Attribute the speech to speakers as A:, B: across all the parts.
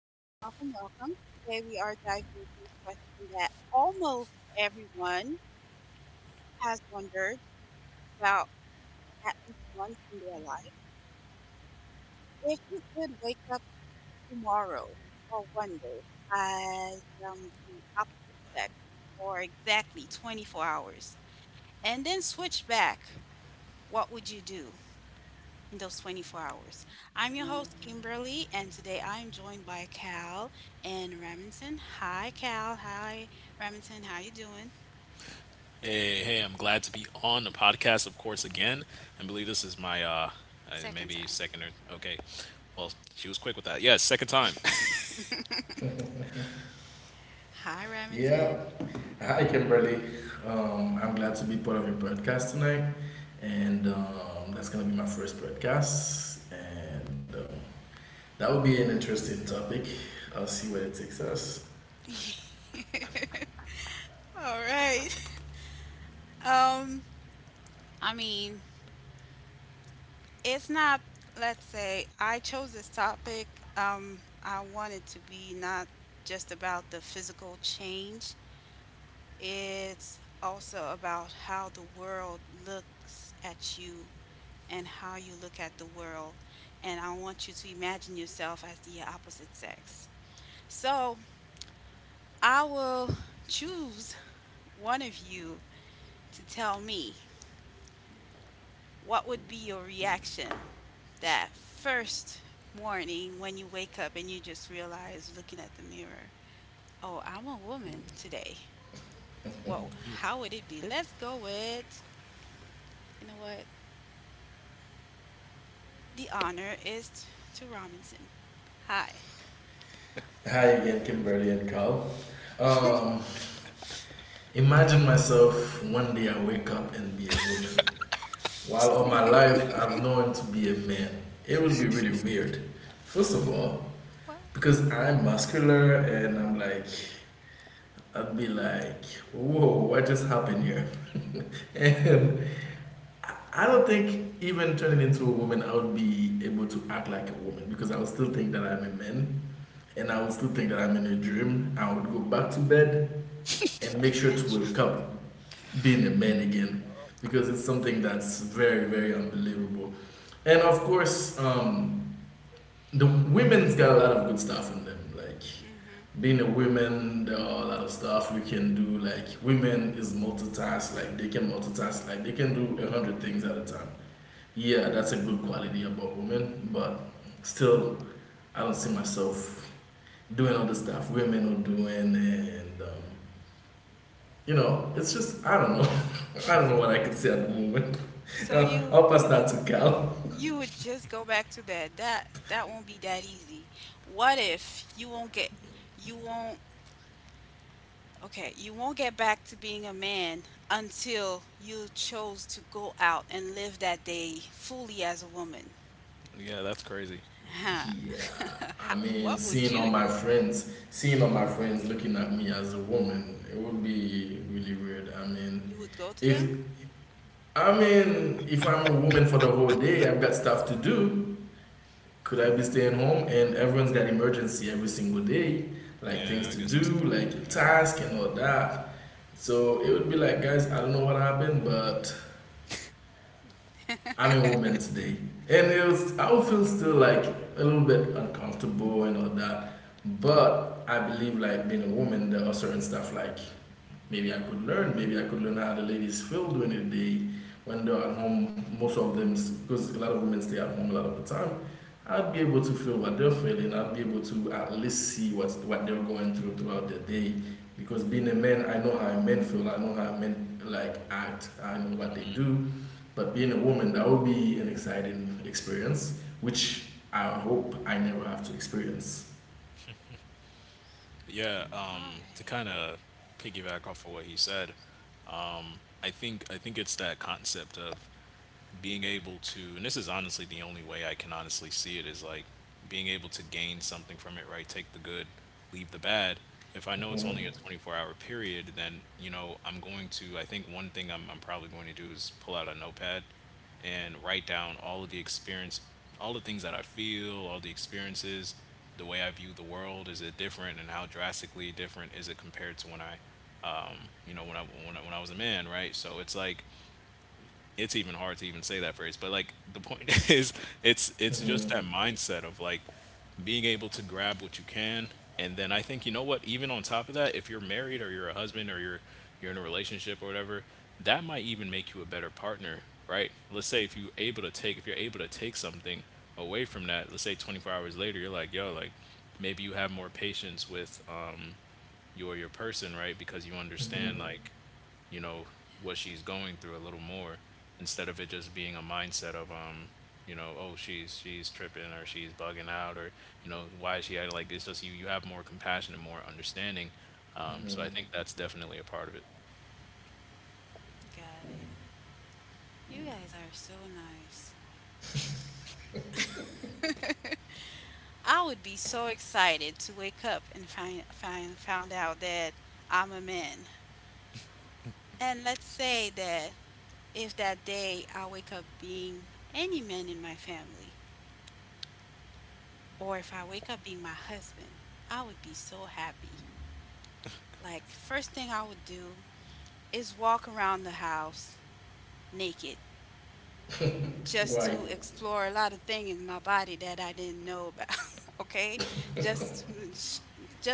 A: Welcome, welcome, welcome. Today we are diving into a question that almost everyone has wondered about at least once in their life. If you could wake up tomorrow or one day as the opposite sex for exactly 24 hours and then switch back, what would you do in those 24 hours? I'm your host, Kimberly, and today I'm joined by Cal and Remington. Hi, Cal. Hi, Remington. How you doing?
B: Hey, hey, I'm glad to be on the podcast, of course, again. I believe this is my uh I-
A: Second
B: maybe
A: time.
B: second or okay. Well, she was quick with that. Yeah, second time.
A: Hi,
C: Yeah.
A: Remington.
C: Hi, Kimberly. I'm glad to be part of your podcast tonight. And that's going to be my first podcast. And that will be an interesting topic. I'll see where it takes us.
A: All right. Um, I mean, it's not, let's say, I chose this topic. I want it to be not just about the physical change, it's also about how the world looks at you and how you look at the world. And I want you to imagine yourself as the opposite sex. So I will choose one of you to tell me what would be your reaction that first morning when you wake up and you just realize looking at the mirror, oh, I'm a woman today. Well, how would it be? Let's go with, you know what? The honor is to Robinson. Hi.
C: Hi again, Kimberly and Carl. Um, imagine myself one day I wake up and be a woman. While all my life I've known to be a man. It would be really weird. First of all,
A: Well,
C: because I'm muscular and I'm like I'd be like, whoa, what just happened here? And
A: hmm,
C: I- I don't think even turning into a woman, I would be able to act like a woman because I would still think that I'm a man and I would still
A: yeah.
C: think that I'm in a dream. I would go back to bed and make sure to
A: And
C: wake up being a man again because it's something that's very, very unbelievable. And of course, the women's got a lot of good stuff in them. Like
A: mhm,
C: being a woman, there are a lot of stuff we can do. Like women is multitask. Like they can multitask. Like
A: mhm.
C: they can do 100 things at a time. Yeah, that's a good quality about women. But still, I don't see myself doing all the stuff women are doing, and you know, it's just I don't know. I don't know what I can say at the moment.
A: So
C: I'll
A: you
C: pass that
A: you
C: to
A: would
C: Cal.
A: you would just go back to bed. That won't be that easy. What if you won't get you won't okay, you won't get back to being a man until you chose to go out and live that day fully as a woman.
B: Yeah, that's crazy.
A: Huh.
C: Yeah. I mean,
A: What would you do?
C: seeing all my friends looking at me as a woman, it would be really weird. I mean,
A: You would go to
C: if
A: them?
C: if I'm a woman for the whole day, I've got stuff to do. Could I be staying
A: Mm.
C: home and everyone's got emergency every single day, like things
B: Yeah, I
C: to
B: guess that's the
C: do,
B: point.
C: like
B: Yeah.
C: task and all that. So it would be like, guys, I don't know what happened, but I'm a woman today. And it was, I would feel still like a little bit uncomfortable and all that. But I believe like being a woman, there are certain stuff like maybe I could learn how the ladies feel during the day when they're at home. Most of them, because a lot of women stay at home a lot of the time, I'd be able to feel what they're feeling. I'd be able to at least what they're going through throughout their day. Because being a man, I know how men feel. I know how men like act. I know what they do, but being a woman, that would be an exciting experience, which I hope I never have to experience.
B: Yeah,
A: All
B: to kind
A: right.
B: of piggyback off of what he said, I think it's that concept of being able to, and this is honestly the only way I can honestly see it, is like being able to gain something from it, right? Take the good, leave the bad. If I know it's
C: Mm-hmm.
B: only a 24-hour period, then, you know, I'm going to, I think one thing I'm probably going to do is pull out a notepad and write down all of the experience, all the things that I feel, all the experiences, the way I view the world. Is it different and how drastically different is it compared to when I, you know, when I, when I, when I was a man, right? So it's like, it's even hard to even say that phrase, but like the point is it's just
C: Mm-hmm.
B: that mindset of like being able to grab what you can. And then I think, you know what, even on top of that, if you're married or you're a husband or you're in a relationship or whatever, that might even make you a better partner, right? Let's say if you're able to take, if you're able to take something away from that, let's say 24 hours later, you're like, yo, like maybe you have more patience with your person, right? Because you
C: Mm-hmm.
B: understand, like, you know what she's
A: Yeah,
B: going through a little more, instead of it just being a mindset of you know, oh, she's tripping or she's bugging out, or you know, why is she acting like this? Just you, you have more compassion and more understanding. um
C: Mm-hmm.
B: so I think that's definitely a part of it.
A: got it. You guys are so nice. I would be so excited to wake up and find, find found out that I'm a man. And let's say that if that day I wake up being any man in my family, or if I wake up being my husband, I would be so happy. Like first thing I would do is walk around the house naked just
C: Right.
A: to explore a lot of things in my body that I didn't know about. Okay, just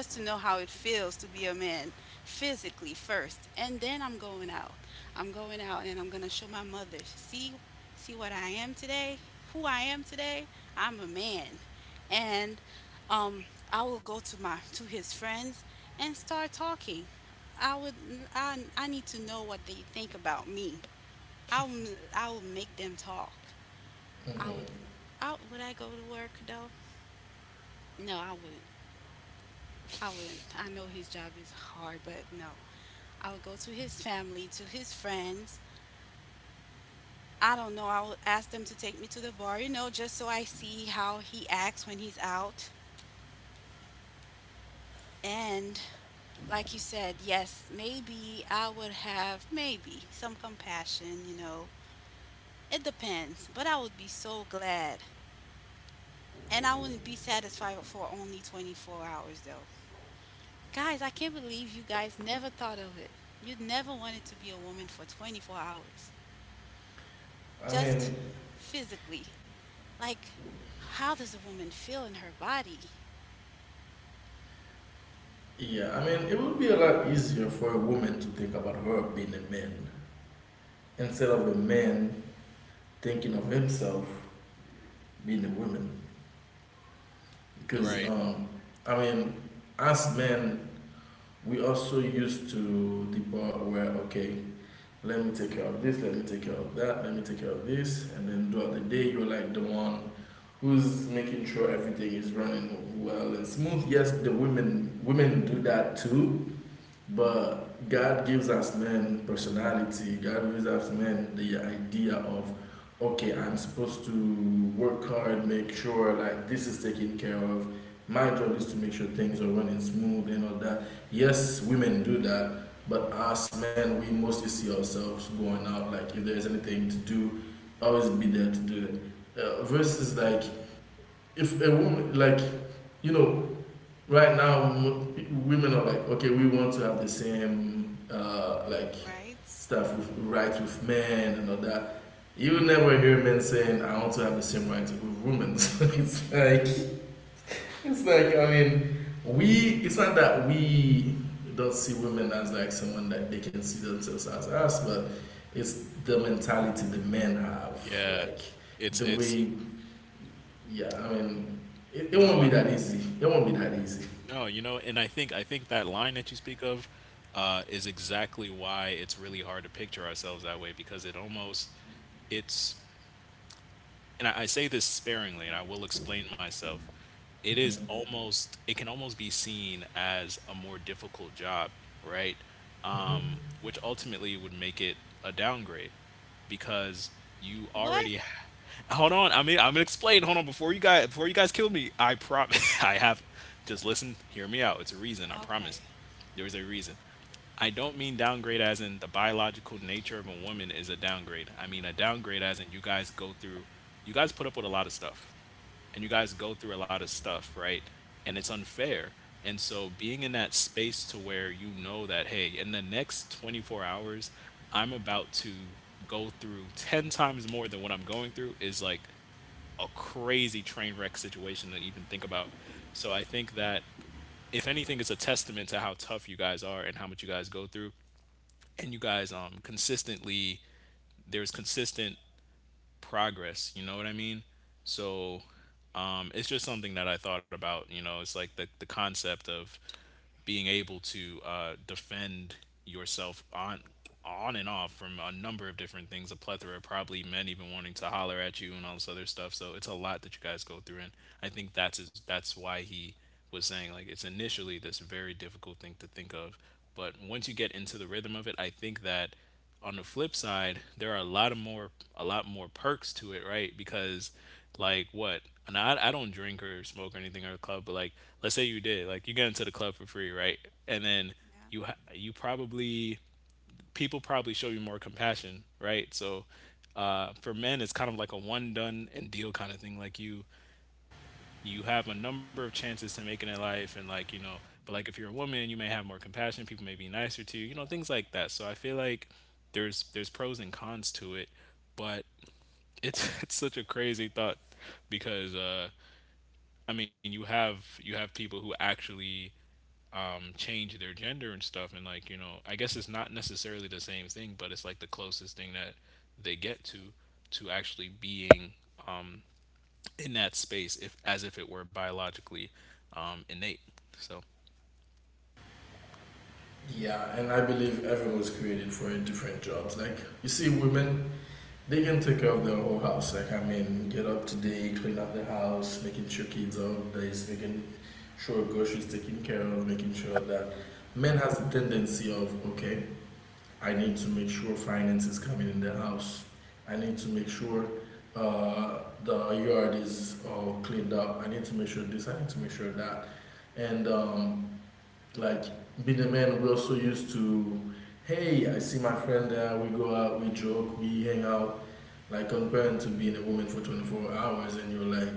A: just to know how it feels to be a man physically first, and then I'm going out. I'm going out, and I'm gonna show my mother. See what I am today, who I am today. I'm a man, and um, I will go to his friends and start talking. I would I need to know what they think about me. I will I will make them talk.
C: Mm-hmm.
A: I would. I go to work though? No, I wouldn't. I wouldn't. I know his job is hard, but no. I would go to his family, to his friends. I don't know. I would ask them to take me to the bar, just so I see how he acts when he's out. And like you said, yes, maybe I would have maybe some compassion. It depends, but I would be so glad. And I wouldn't be satisfied for only 24 hours though. Guys, I can't believe you guys never thought of it. You never wanted to be a woman for 24 hours,
C: I mean,
A: just physically. Like, how does a woman feel in her body?
C: yeah, I mean, it would be a lot easier for a woman to think about her being a man instead of a man thinking of himself being a woman. Because,
B: Right.
C: I mean, as men, we also used to the part where, okay, let me take care of this, let me take care of that, let me take care of this. And then throughout the day, you're like the one who's making sure everything is running well and smooth. Yes, the women do that too, but God gives us men personality. God gives us men the idea of, okay, I'm supposed to work hard, make sure like this is taken care of. My job is to make sure things are running smooth and all that. Yes, women do that, but us men, we mostly see ourselves going out. Like if there's anything to do, always be there to do it. Versus like if a woman like you know right now women are like okay we want to have the same like
A: Right?
C: stuff with rights with men and all that. You never hear men saying I want to have the same rights with women. So it's like I mean, we, it's not that we don't see women as like someone that they can see themselves as us, but it's the mentality the men have,
B: Yeah.
C: like
B: It's
C: the
B: it's
C: way yeah, I mean,
B: no,
C: it won't be that easy.
B: no, you know, and I think that line that you speak of is exactly why it's really hard to picture ourselves that way, because it almost, it's, and I say this sparingly, and I will explain myself. It is
C: Mhm.
B: almost, it can almost be seen as a more difficult job, right?
C: Mhm.
B: Which ultimately would make it a downgrade because you
A: What?
B: already. Hold on, I mean, I'm gonna explain. Hold on, before you guys kill me, I promise. I have, just listen, hear me out. It's a reason. I promise.
A: Okay.
B: There is a reason. I don't mean downgrade as in the biological nature of a woman is a downgrade. I mean a downgrade as in you guys go through, you guys put up with a lot of stuff, and you guys go through a lot of stuff, right? And it's unfair. And so being in that space to where you know that, hey, in the next 24 hours, I'm about to go through 10 times more than what I'm going through is like a crazy train wreck situation to even think about. So I think that if anything, it's a testament to how tough you guys are and how much you guys go through, and you guys consistently, there's consistent progress, you know what I mean? So it's just something that I thought about, you know. It's like the concept of being able to defend yourself on and off from a number of different things, a plethora, probably men even wanting to holler at you and all this other stuff. So it's a lot that you guys go through, and I think that's why he was saying like it's initially this very difficult thing to think of, but once you get into the rhythm of it, I think that on the flip side, there are a lot more perks to it, right? Because like what? And I don't drink or smoke or anything at the club, but like let's say you did, like you get into the club for free, right? And then
A: Yeah.
B: you ha- you probably people probably show you more compassion, right? So for men, it's kind of like a one done and deal kind of thing. Like you have a number of chances to make it in life and like, you know, but like if you're a woman, you may have more compassion, people may be nicer to you, you know, things like that. So I feel like there's pros and cons to it, but it's it's such a crazy thought because I mean, you have people who actually change their gender and stuff, and like, you know, I guess it's not necessarily the same thing, but it's like the closest thing that they get to actually being in that space, if as if it were biologically innate. So,
C: Yeah, and I believe everyone was created for different jobs. Like you see, women they can take care of their whole house. Like I mean, get up today, clean up the house, making sure kids are nice, making sure groceries taken care of, making sure that men has the tendency of okay, I need to make sure finance is coming in the house. I need to make sure the yard is all cleaned up. I need to make sure this. I need to make sure that, and like being a man we also used to hey I see my friend there we go out we joke we hang out, like comparing to being a woman for 24 hours and you're like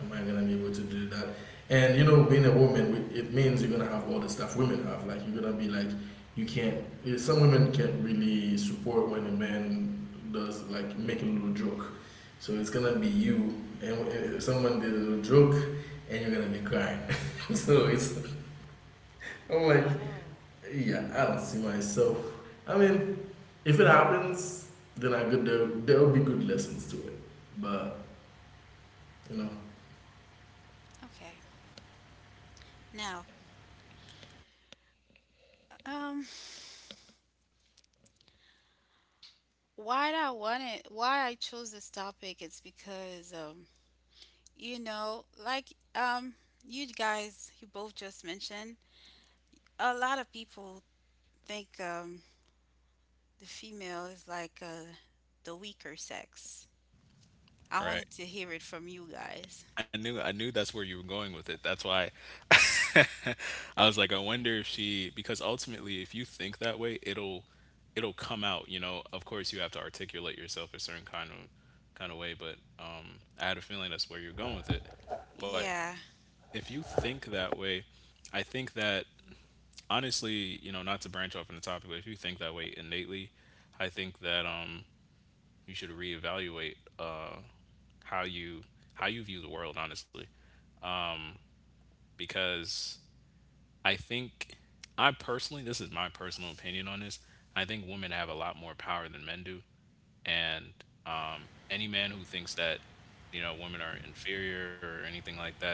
C: am I gonna be able to do that. And you know being a woman it means you're gonna have all the stuff women have, like you're gonna be like you can't some women can't really support when a man does like make a little joke, so it's gonna be you and someone did a little joke and you're gonna be crying. So it's, I'm like,
A: Oh,
C: yeah, I don't see myself. I mean, if it happens, then I could there will be good lessons to it. But you know,
A: okay. Now, um, why I chose this topic is because, like, you guys, you both just mentioned, a lot of people think, the female is like the weaker sex. I
B: all
A: wanted
B: right.
A: to hear it from you guys.
B: I knew that's where you were going with it. That's why I was like, I wonder if she, because ultimately if you think that way, it'll, it'll come out, you know. Of course you have to articulate yourself a certain kind of way, but I had a feeling that's where you're going with it. But
A: Yeah,
B: if you think that way, I think that honestly, you know, not to branch off on the topic, but if you think that way innately, I think that you should reevaluate how you, how you view the world, honestly, because I think, I personally, this is my personal opinion on this. I think women have a lot more power than men do, and any man who thinks that, you know, women are inferior or anything like that,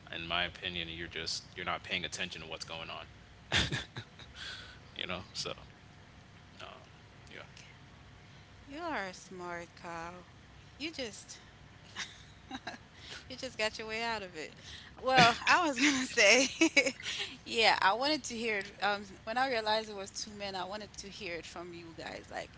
B: in my opinion, you're just, you're not paying attention to what's going on. You know, so yeah.
A: you are a smart cow. You just you just got your way out of it. Well, I was gonna say, yeah, I wanted to hear it. When I realized it was two men, I wanted to hear it from you guys. Like,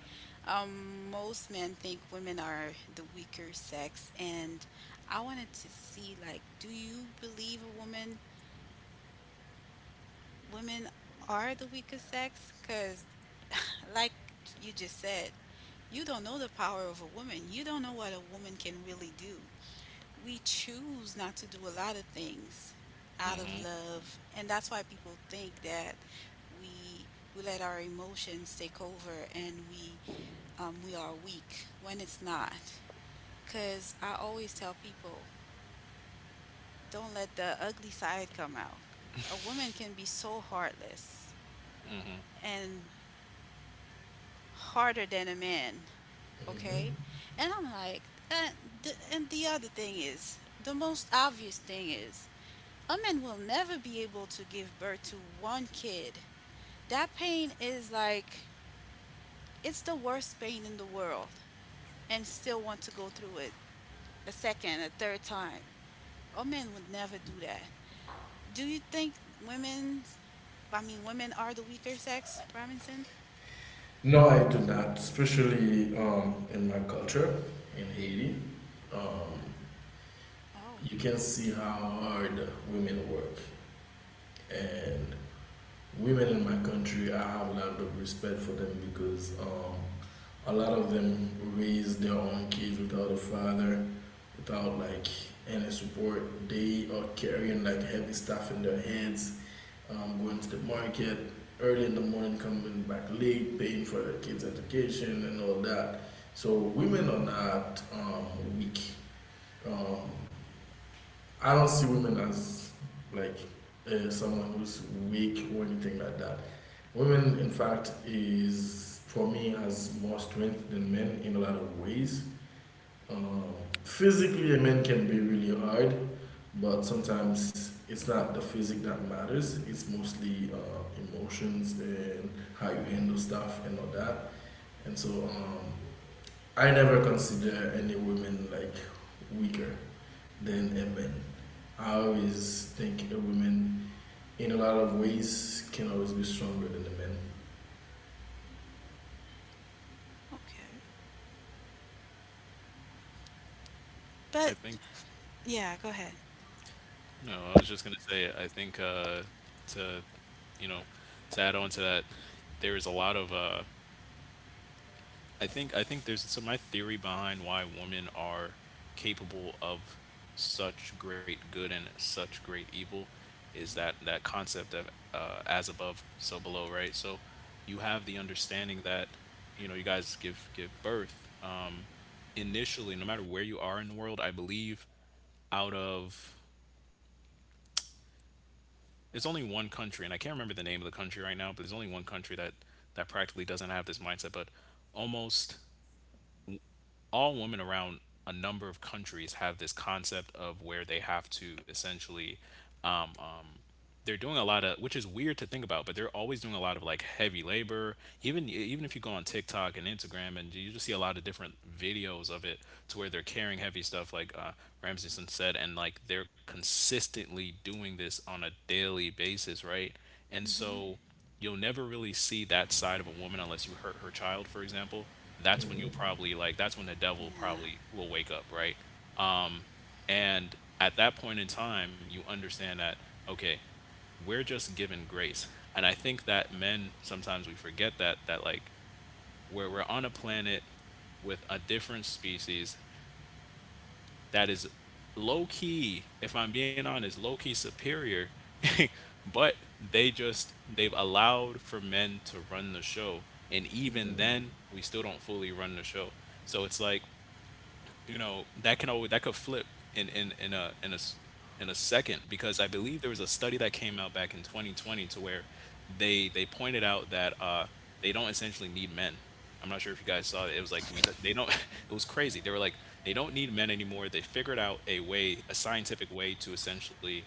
A: most men think women are the weaker sex, and I wanted to see, like, do you believe a woman women are the weaker sex? Because like you just said, you don't know the power of a woman. You don't know what a woman can really do. We choose not to do a lot of things out
B: Mm-hmm.
A: of love, and that's why people think that we we let our emotions take over, and we are weak, when it's not. Because I always tell people, don't let the ugly side come out. A woman can be so heartless
B: Mm-hmm.
A: and harder than a man, okay?
C: mhm.
A: And I'm like, and the other thing is the most obvious thing is a man will never be able to give birth to one kid. That pain is like, it's the worst pain in the world, and still want to go through it a second, a third time. A man would never do that. Do you think women, I mean, women are the weaker sex, Robinson?
C: No, I do not. Especially in my culture, in Haiti, um,
A: Oh,
C: you can see how hard women work, and women in my country, I have a lot of respect for them because a lot of them raise their own kids without a father, without like any support. They are carrying like heavy stuff in their heads, going to the market early in the morning, coming back late, paying for their kids' education and all that. So women are not weak. Um, I don't see women as like someone who's weak or anything like that. Women, in fact, is for me has more strength than men in a lot of ways. Um, physically, a man can be really hard, but sometimes it's not the physic that matters. It's mostly emotions and how you handle stuff and all that. And so, I never consider any woman like weaker than a man. I always think a woman, in a lot of ways, can always be stronger than a man.
A: okay.
B: I
A: But
B: think,
A: yeah, go ahead.
B: no, I was just gonna say, I think to, you know, to add on to that, there is a lot of I think there's, so my theory behind why women are capable of such great good and such great evil is that that concept of as above, so below, right? So you have the understanding that, you know, you guys give birth. Initially, no matter where you are in the world. I believe out of, there's only one country, and I can't remember the name of the country right now, but there's only one country that, that practically doesn't have this mindset. But almost all women around a number of countries have this concept of where they have to essentially, they're doing a lot of, which is weird to think about, but they're always doing a lot of like heavy labor. Even if you go on TikTok and Instagram and you just see a lot of different videos of it, to where they're carrying heavy stuff like Ramseyson said, and like they're consistently doing this on a daily basis, right? And so you'll never really see that side of a woman unless you hurt her child, for example. That's when you'll
C: Hmm.
B: probably like, that's when the devil
A: Yeah.
B: probably will wake up, right? And at that point in time, you understand that, okay, we're just given grace. And I think that men sometimes we forget that, that like where we're on a planet with a different species that is low key, if I'm being honest, low key superior, but they just, they've allowed for men to run the show. And even then, we still don't fully run the show. So it's like, you know that can always, that could flip in in in a in a s- in a second, because I believe there was a study that came out back in 2020 to where they pointed out that they don't essentially need men. I'm not sure if you guys saw it. It was like we don't, they don't. It was crazy. They were like they don't need men anymore. They figured out a way, a scientific way to essentially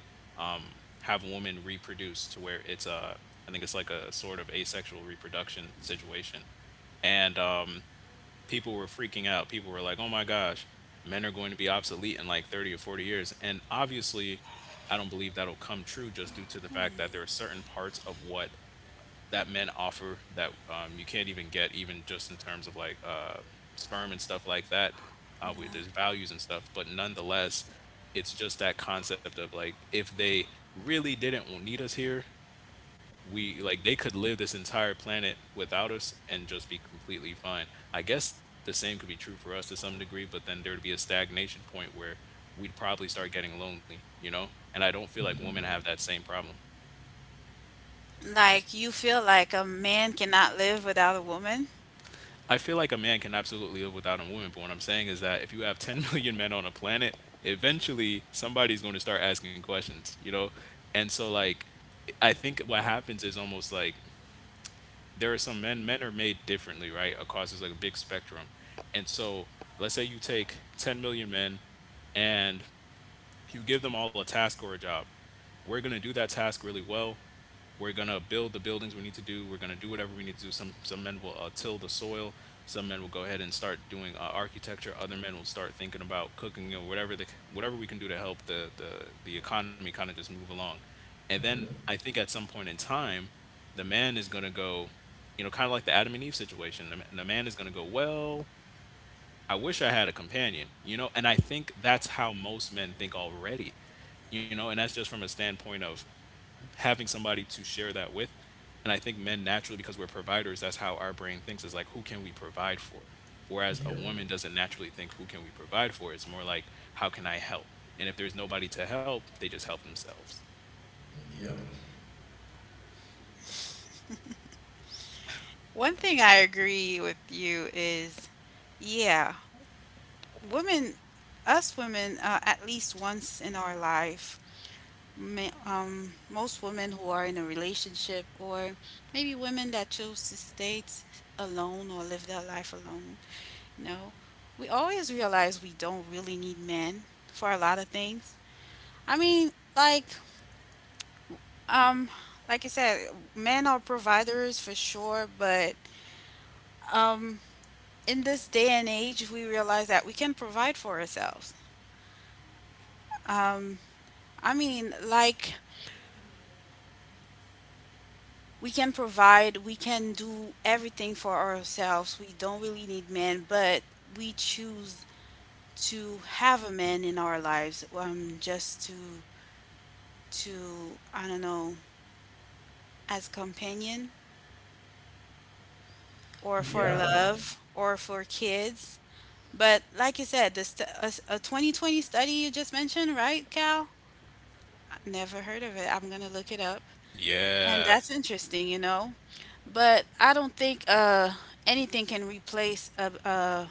B: have women reproduce to where it's I think it's like a sort of asexual reproduction situation, and people were freaking out. People were like, "Oh my gosh, men are going to be obsolete in like 30 or 40 years." And obviously, I don't believe that'll come true just due to the fact that there are
A: Hmm,
B: certain parts of what that men offer that you can't even get, even just in terms of like sperm and stuff like that. We,
A: yeah.
B: there's values and stuff, but nonetheless, it's just that concept of like if they really didn't need us here, we, like they could live this entire planet without us and just be completely fine. I guess the same could be true for us to some degree, but then there'd be a stagnation point where we'd probably start getting lonely, you know? And I don't feel like women have
C: Hmm.
B: that same problem.
A: Like, you feel like a man cannot live without a woman.
B: I feel like a man can absolutely live without a woman, but what I'm saying is that if you have 10 million men on a planet, eventually somebody's going to start asking questions, you know? And so, like, I think what happens is almost like there are some men men are made differently, right, across this like a big spectrum, and so let's say you take 10 million men and you give them all a task or a job. We're going to do that task really well. We're gonna build the buildings we need to do. We're gonna do whatever we need to do. Some men will till the soil. Some men will go ahead and start doing architecture. Other men will start thinking about cooking or whatever we can do to help the economy kind of just move along. And then I
C: Hmm.
B: think at some point in time, the man is gonna go, you know, kind of like the Adam and Eve situation. The man is gonna go, well, I wish I had a companion, you know. And I think that's how most men think already, you know, and that's just from a standpoint of having somebody to share that with. And I think men naturally, because we're providers, that's how our brain thinks, is like, who can we provide for? Whereas a
C: Yep.
B: woman doesn't naturally think, who can we provide for? It's more like, how can I help? And if there's nobody to help, they just help themselves.
C: Yep.
A: One thing I agree with you is, yeah, women, us women, at least once in our life, most women who are in a relationship, or maybe women that choose to alone or live their life alone, you know, we always realize we don't really need men for a lot of things. I mean, like, Um, like I said, men are providers for sure, but um, in this day and age, we realize that we can provide for ourselves. Um, I mean, like, we can provide, we can do everything for ourselves. We don't really need men, but we choose to have a man in our lives, just to I don't know, as companion or for
C: Yeah.
A: love or for kids. But like you said, the st- a, s- a 2020 study you just mentioned, right, Cal? I never heard of it. I'm gonna look it up. And
B: Yeah.
A: that's interesting. But I don't think anything can replace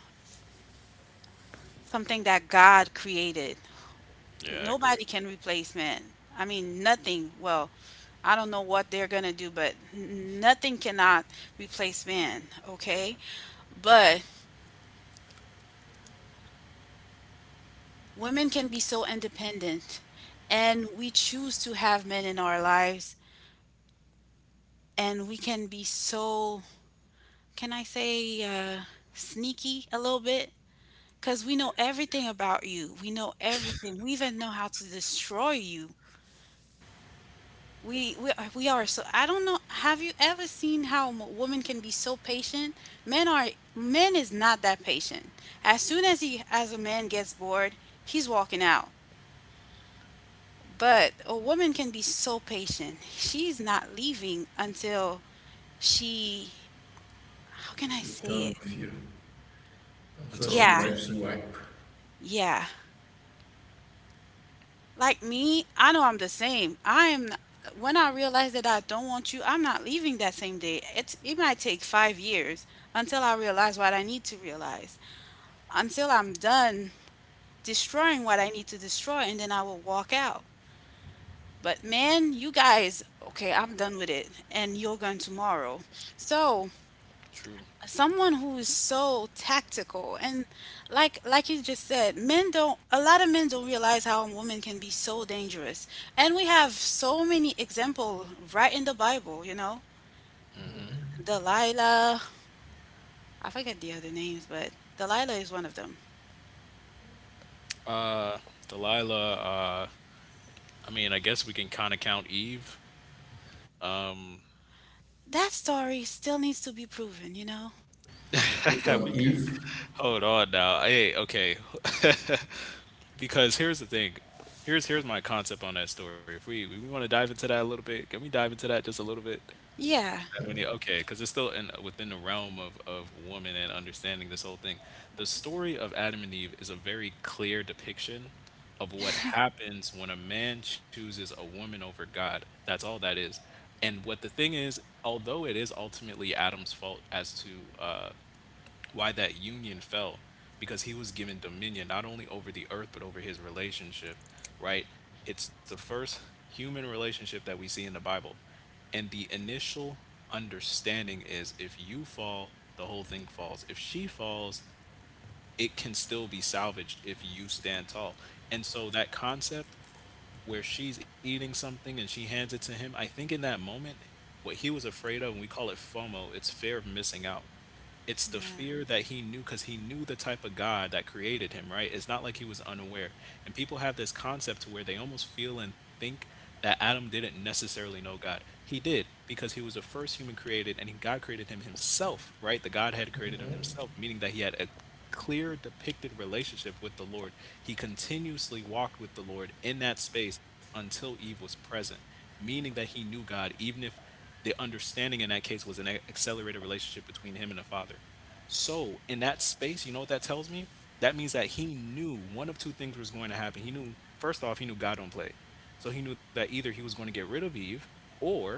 A: something that God created.
B: Yeah, I agree
A: Nobody
B: with you.
A: can replace man. I mean, nothing. Well, I don't know what they're gonna do, but nothing cannot replace man. Okay, but women can be so independent, and we choose to have men in our lives, and we can be so, can I say sneaky a little bit? Because we know everything about you. We know everything. We even know how to destroy you. We are so, I don't know. Have you ever seen how a woman can be so patient? men are Men is not that patient. As soon as a man gets bored, he's walking out. But a woman can be so patient, she's not leaving until she, how can I
C: She's
A: say it?
C: done with you. So
B: Until a
C: she
A: Yeah,
B: particular.
C: wipes, you wipe.
A: yeah. Like me, I know I'm the same. I am When I realize that I don't want you, I'm not leaving that same day. It might take 5 years until I realize what I need to realize. Until I'm done destroying what I need to destroy, and then I will walk out. But man, you guys, okay, I'm done with it and you're gone tomorrow. So,
B: True.
A: someone who is so tactical, and like you just said, men don't a lot of men don't realize how women can be so dangerous, and we have so many example right in the Bible.
C: Mm-hmm.
A: Delilah. I forget the other names, but Delilah is one of them.
B: Uh, Delilah, I mean, I guess we can kind of count Eve.
A: That story still needs to be proven.
C: Which
B: We
C: one?
B: could.
C: Eve?
B: Hold on now. Hey, okay. Because here's the thing. Here's my concept on that story. If we want to dive into that a little bit, can we dive into that just a little bit?
A: Yeah,
C: Yeah.
B: Okay, because it's still in within the realm of woman and understanding this whole thing. The story of Adam and Eve is a very clear depiction of what happens when a man chooses a woman over God. That's all that is. And what the thing is, although it is ultimately Adam's fault as to why that union fell, because he was given dominion not only over the earth but over his relationship, right, it's the first human relationship that we see in the Bible. And the initial understanding is, if you fall, the whole thing falls. If she falls, it can still be salvaged if you stand tall. And so that concept where she's eating something and she hands it to him, I think in that moment what he was afraid of, and we call it FOMO, it's fear of missing out, it's the
A: yeah.
B: fear that he knew, because he knew the type of God that created him, right? It's not like he was unaware. And people have this concept to where they almost feel and think that Adam didn't necessarily know God. He did, because he was the first human created and God created him himself, right? The Godhead created him
C: Mm-hmm.
B: himself, meaning that he had a clear depicted relationship with the Lord. He continuously walked with the Lord in that space until Eve was present, meaning that he knew God, even if the understanding in that case was accelerated relationship between him and the father. So in that space, you know what that tells me? That means that he knew one of two things was going to happen. He knew, first off, he knew God don't play. So he knew that either he was going to get rid of Eve or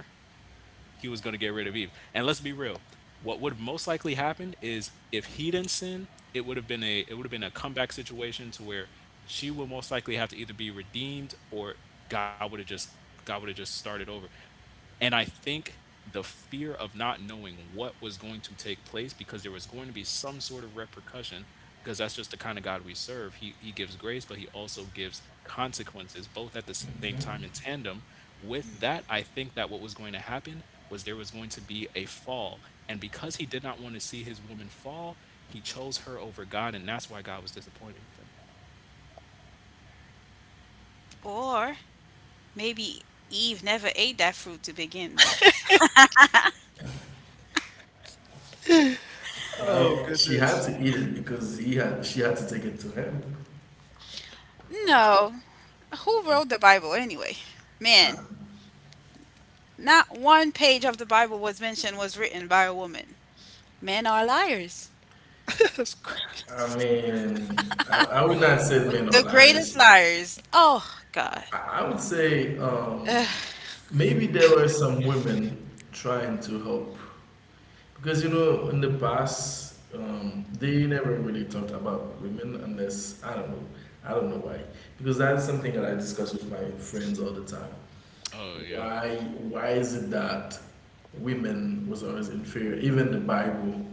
B: he was going to get rid of Eve. And let's be real. What would have most likely happened is, if he didn't sin, it would have been a comeback situation, to where she would most likely have to either be redeemed or God would have just God would have just started over. And I think the fear of not knowing what was going to take place, because there was going to be some sort of repercussion, because that's just the kind of God we serve. He gives grace, but he also gives consequences, both at the same time, in
C: Mm-hmm.
B: tandem. With that, I think that what was going to happen was there was going to be a fall. And because he did not want to see his woman fall, he chose her over God, and that's why God was disappointed with him.
A: Or maybe Eve never ate that fruit to begin with.
B: Oh
C: Well, she had
B: goodness.
C: to eat it because he had she had to take it to him.
B: That's true.
A: No. Who
B: Though.
A: wrote the Bible anyway?
C: I,
A: Man. Not one page of the Bible was written by a woman. Men are liars.
B: That's
C: I
B: crazy.
C: mean, I would not say men are
A: The greatest
C: liars.
A: liars. Oh God.
C: I would say
A: Ugh.
C: maybe there were some women trying to help because you know in the past, they never really talked about women unless I don't know. I don't know why, because that's something that I discuss with my friends all the time.
B: Oh yeah,
C: Why why is it that women was always inferior? Even the Bible,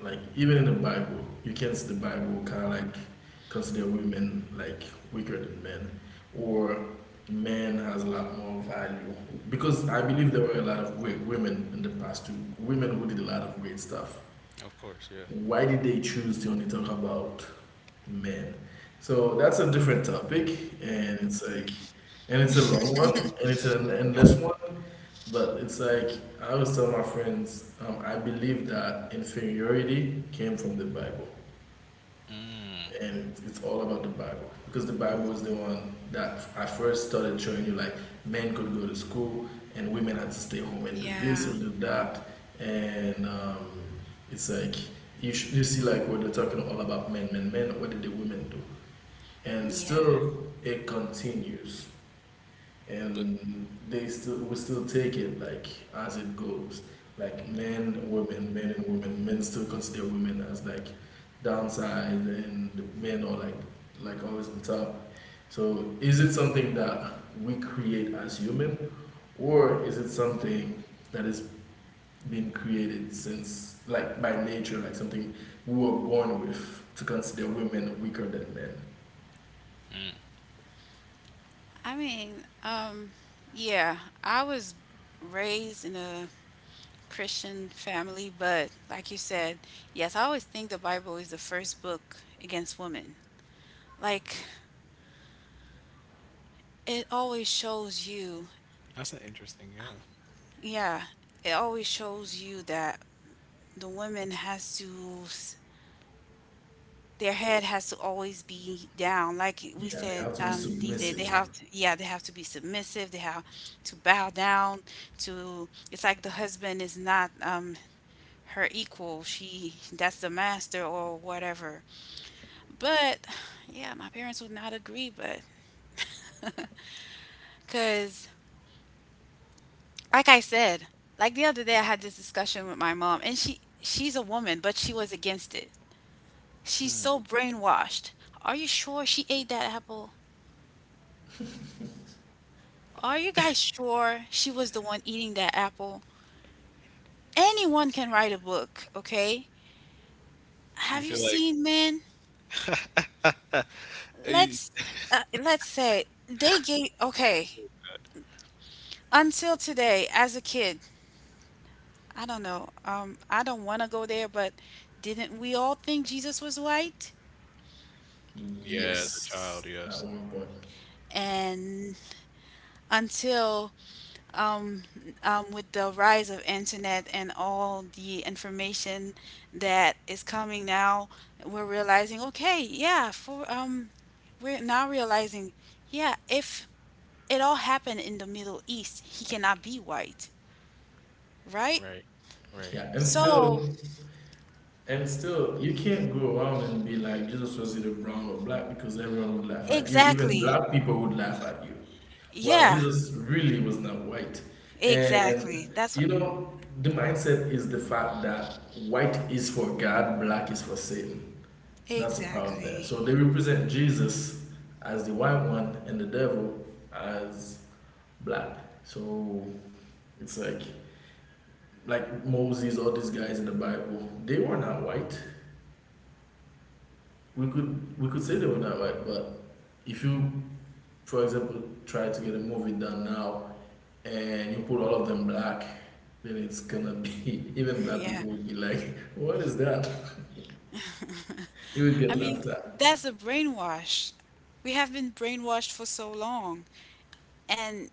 C: like even in the Bible, you can see the Bible kind of like consider women like weaker than men, or men has a lot more value, because I believe there were a lot of great women in the past too. Women who did a lot of great stuff.
B: of course, yeah.
C: Why did they choose to only talk about men? So that's a different topic, and it's like, and it's a long one, and it's an endless one. But it's like I always tell my friends, I believe that inferiority came from the Bible, and it's all about the Bible because the Bible is the one that I first started showing you, like men could go to school and women had to stay home and do this
A: Yeah.
C: and do that, and it's like you see like what they're talking all about men, men, men. What did the women do? And
A: Yeah.
C: still, it continues,
B: But
C: and they still, we still take it like as it goes, like men, women, men and women, men still consider women as like downside and the men are like always on top. So is it something that we create as human, or is it something that has been created since like by nature, like something we were born with to consider women weaker than men?
A: I mean, yeah, I was raised in a Christian family, but like you said, yes, I always think the Bible is the first book against women. Like, it always shows you,
B: That's an interesting, yeah.
A: yeah, it always shows you that the woman has to their head has to always be down. Like we
C: Yeah, they
A: said,
C: have to be
A: these days they
C: submissive.
A: have to, yeah, they have to be submissive, they have to bow down to it's like the husband is not her equal, she that's the master or whatever. But yeah, my parents would not agree, but because like I said, like the other day I had this discussion with my mom, and she's a woman but she was against it. She's so brainwashed. Are you sure she ate that apple? Are you guys sure she was the one eating that apple? Anyone can write a book, okay?
B: You
A: Have
B: feel
A: you
B: like,
A: seen men?
B: eh,
A: Let's let's say until today, as a kid, I don't know. I don't want to go there, but didn't we all think Jesus was white?
B: yeah, as a
C: Yes,
B: child,
C: at
B: yes.
C: one point.
A: And until um, with the rise of internet and all the information that is coming now, we're realizing, okay, yeah, for we're now realizing, yeah, if it all happened in the Middle East, he cannot be white, right?
B: Right, right.
C: Yeah, and
A: So
C: still, you can't go around and be like Jesus was either brown or black because everyone would laugh at you. Even
A: exactly,
C: black people would laugh at you, while
A: yeah,
C: Jesus really was not white. And
A: exactly. That's what,
C: you know, the mindset is the fact that white is for God, black is for Satan. That's the problem there.
A: exactly,
C: So they represent Jesus as the white one and the devil as black. So it's like Moses, all these guys in the Bible, they were not white. We could say they were not right, but if you, for example, try to get a movie done now and you put all of them black, then it's gonna be even black
A: yeah.
C: people will be like, "What is that?" You will
A: I
C: get
A: mean,
C: laughed at.
A: that's a brainwash. We have been brainwashed for so long, and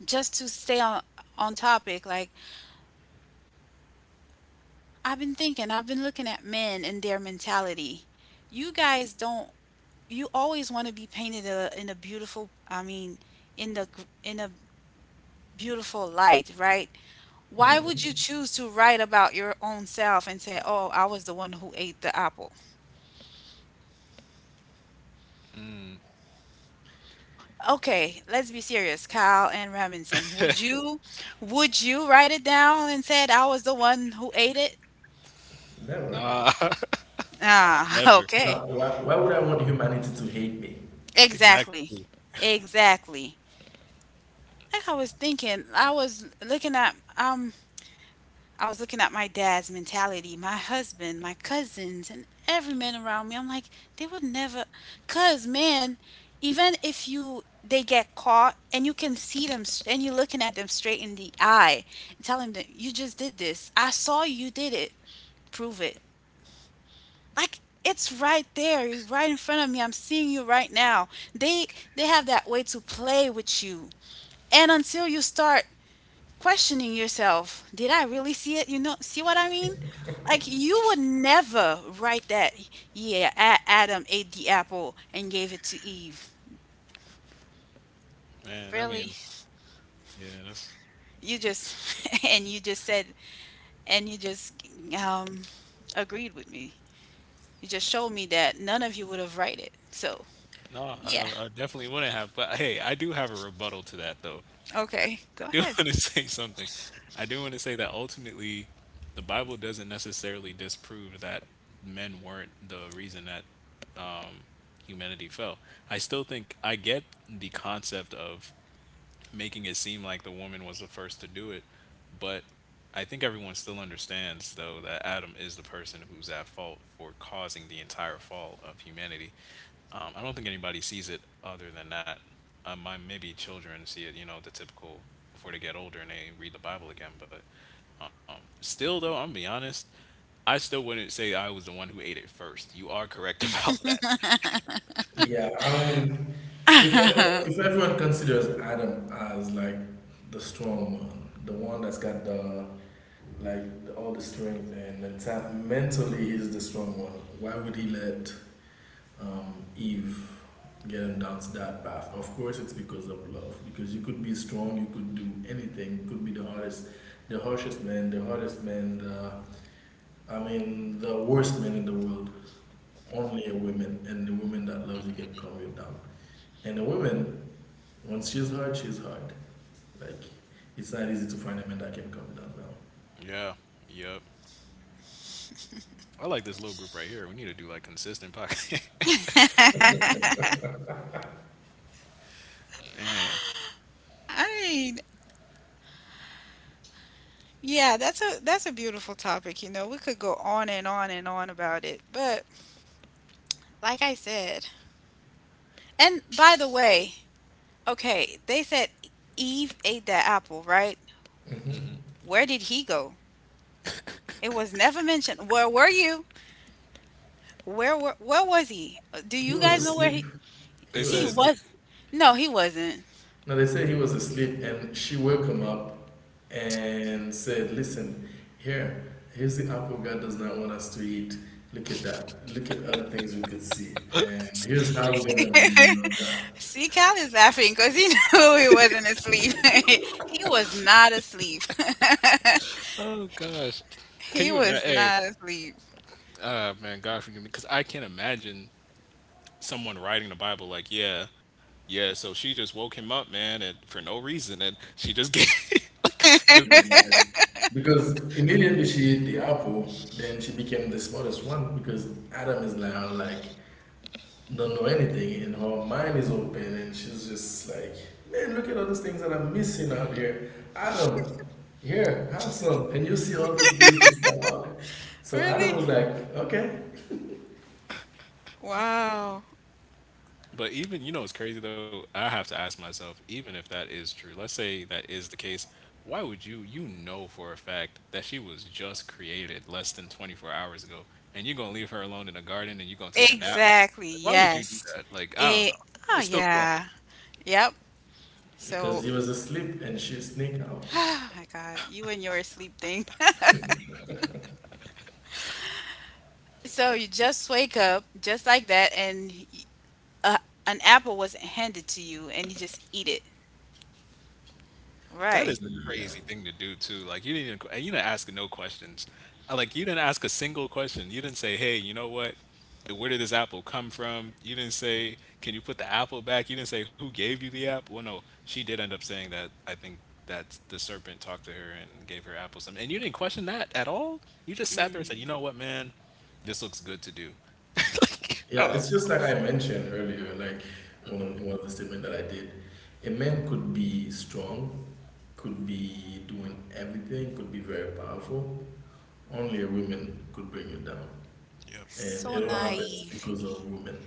A: just to stay on topic, like I've been thinking, I've been looking at men and their mentality. You guys don't. You always want to be painted a, in a beautiful. I mean, in the gr- in a beautiful light, right? Why would you
C: hmm
A: choose to write about your own self and say, "Oh, I was the one who ate the apple"? Okay, let's be serious, Kyle and Robinson. Would you write it down and said I was the one who ate it?
C: Never.
B: Nah,
A: Ah,
B: never.
A: okay.
C: Now, why would I want humanity to hate me?
A: Exactly.
B: Exactly.
A: Exactly. Like I was thinking, I was looking at my dad's mentality, my husband, my cousins, and every man around me. I'm like, they would never cuz man, even if you they get caught and you can see them and you're looking at them straight in the eye and telling them you just did this. I saw you did it. Prove it. Like it's right there, you're right in front of me. I'm seeing you right now. They they have that way to play with you and until you start questioning yourself, did I really see it? You know, see what I mean? Like you would never write that, yeah, Adam ate the apple and gave it to Eve,
B: Man, I mean,
A: really.
B: yeah, that's,
A: You just and you just um agreed with me. You just showed me that none of you would have write it. So
B: no, I,
A: yeah,
B: I I definitely wouldn't have. But hey, I do have a rebuttal to that, though.
A: okay,
B: I
A: go
B: do
A: ahead.
B: want to say something. I do want to say that ultimately, the Bible doesn't necessarily disprove that men weren't the reason that humanity fell. I still think I get the concept of making it seem like the woman was the first to do it. But I think everyone still understands, though, that Adam is the person who's at fault for causing the entire fall of humanity. I don't think anybody sees it other than that. My maybe children see it, you know, the typical before they get older and they read the Bible again. But still, though, I'm gonna be honest, I still wouldn't say I was the one who ate it first. You are correct about that.
C: Yeah, I mean, if everyone considers Adam as the strong one, the one that's got the all the strength and mentally he's the strong one. Why would he let Eve get him down to that path? Of course, it's because of love. Because you could be strong, you could do anything. You could be the hardest, the harshest man, the hardest man, the the worst man in the world. Only a woman, and the woman that loves you can calm you down. And a woman, once she's hard, she's hard. Like it's not easy to find a man that can calm down now.
B: Yeah. Yep. I like this little group right here. We need to do like consistent podcast. Man.
A: I mean, yeah, that's a beautiful topic, you know. We could go on and on and on about it, but like I said. And by the way, okay, they said Eve ate that apple, right?
C: hmm
A: Where did he go? It was never mentioned. Where were you? Where was he? Do
C: He
A: you
C: was
A: guys know where
C: asleep. He
B: They
C: was
A: he
B: said
C: asleep.
A: was? No, he wasn't.
C: No, they said he was asleep, and she woke him up and said, "Listen, here, here's the apple God does not want us to eat. Look at that. Look at other things we could see, and here's how we're
B: crazy.
C: gonna be and all that.
A: See, Cal is laughing because he knew he wasn't asleep. He was not asleep.
B: Oh gosh, can
A: He
B: you imagine?
A: was
B: Hey,
A: not asleep.
B: man, God forgive me, because I can't imagine someone writing the Bible like, yeah, yeah. So she just woke him up, man, and for no reason, and she just gave. Like, just,
C: Here's that." Because immediately she ate the apple, then she became the smartest one because Adam is now like don't know anything and her mind is open and she's just like, "Man, look at all these things that I'm missing out here, Adam, here, have some and you see all the beautiful stuff out there." So Adam
A: Really?
C: was like, "Okay,"
A: Wow.
B: but even, you know, it's crazy though. I have to ask myself, even if that is true, let's say that is the case. Why would you, you know for a fact that she was just created less than 24 hours ago, and you're gonna leave her alone in the garden and you're gonna take a nap?
A: Exactly.
B: Why would you do
A: Yes.
B: that? Like, I
A: It,
B: don't know.
A: oh
B: It still don't
A: yeah. Yep. So
C: because he was asleep and she sneaked out.
A: my God, you and your sleep thing. So you just wake up just like that, and uh, an apple was handed to you, and you just eat it.
B: That is
A: Right.
B: a
C: Yeah,
B: crazy thing to do too. Like you didn't even, and you didn't ask no questions. Like you didn't ask a single question. You didn't say, "Hey, you know what? Where did this apple come from?" You didn't say, "Can you put the apple back?" You didn't say, "Who gave you the apple?" Well, no, she did end up saying that. I think that the serpent talked to her and gave her apples. I mean, and you didn't question that at all. You just sat there and
A: Mm,
B: said, "You know what, man? This looks good to do." Like, I don't
C: yeah,
B: know.
C: it's just like I mentioned earlier, like one of the statement that I did. A man could be strong, could be doing everything, could be very powerful. Only a woman could bring you down.
B: Yep.
C: And
A: so
C: it all happens
A: naive.
C: because of women.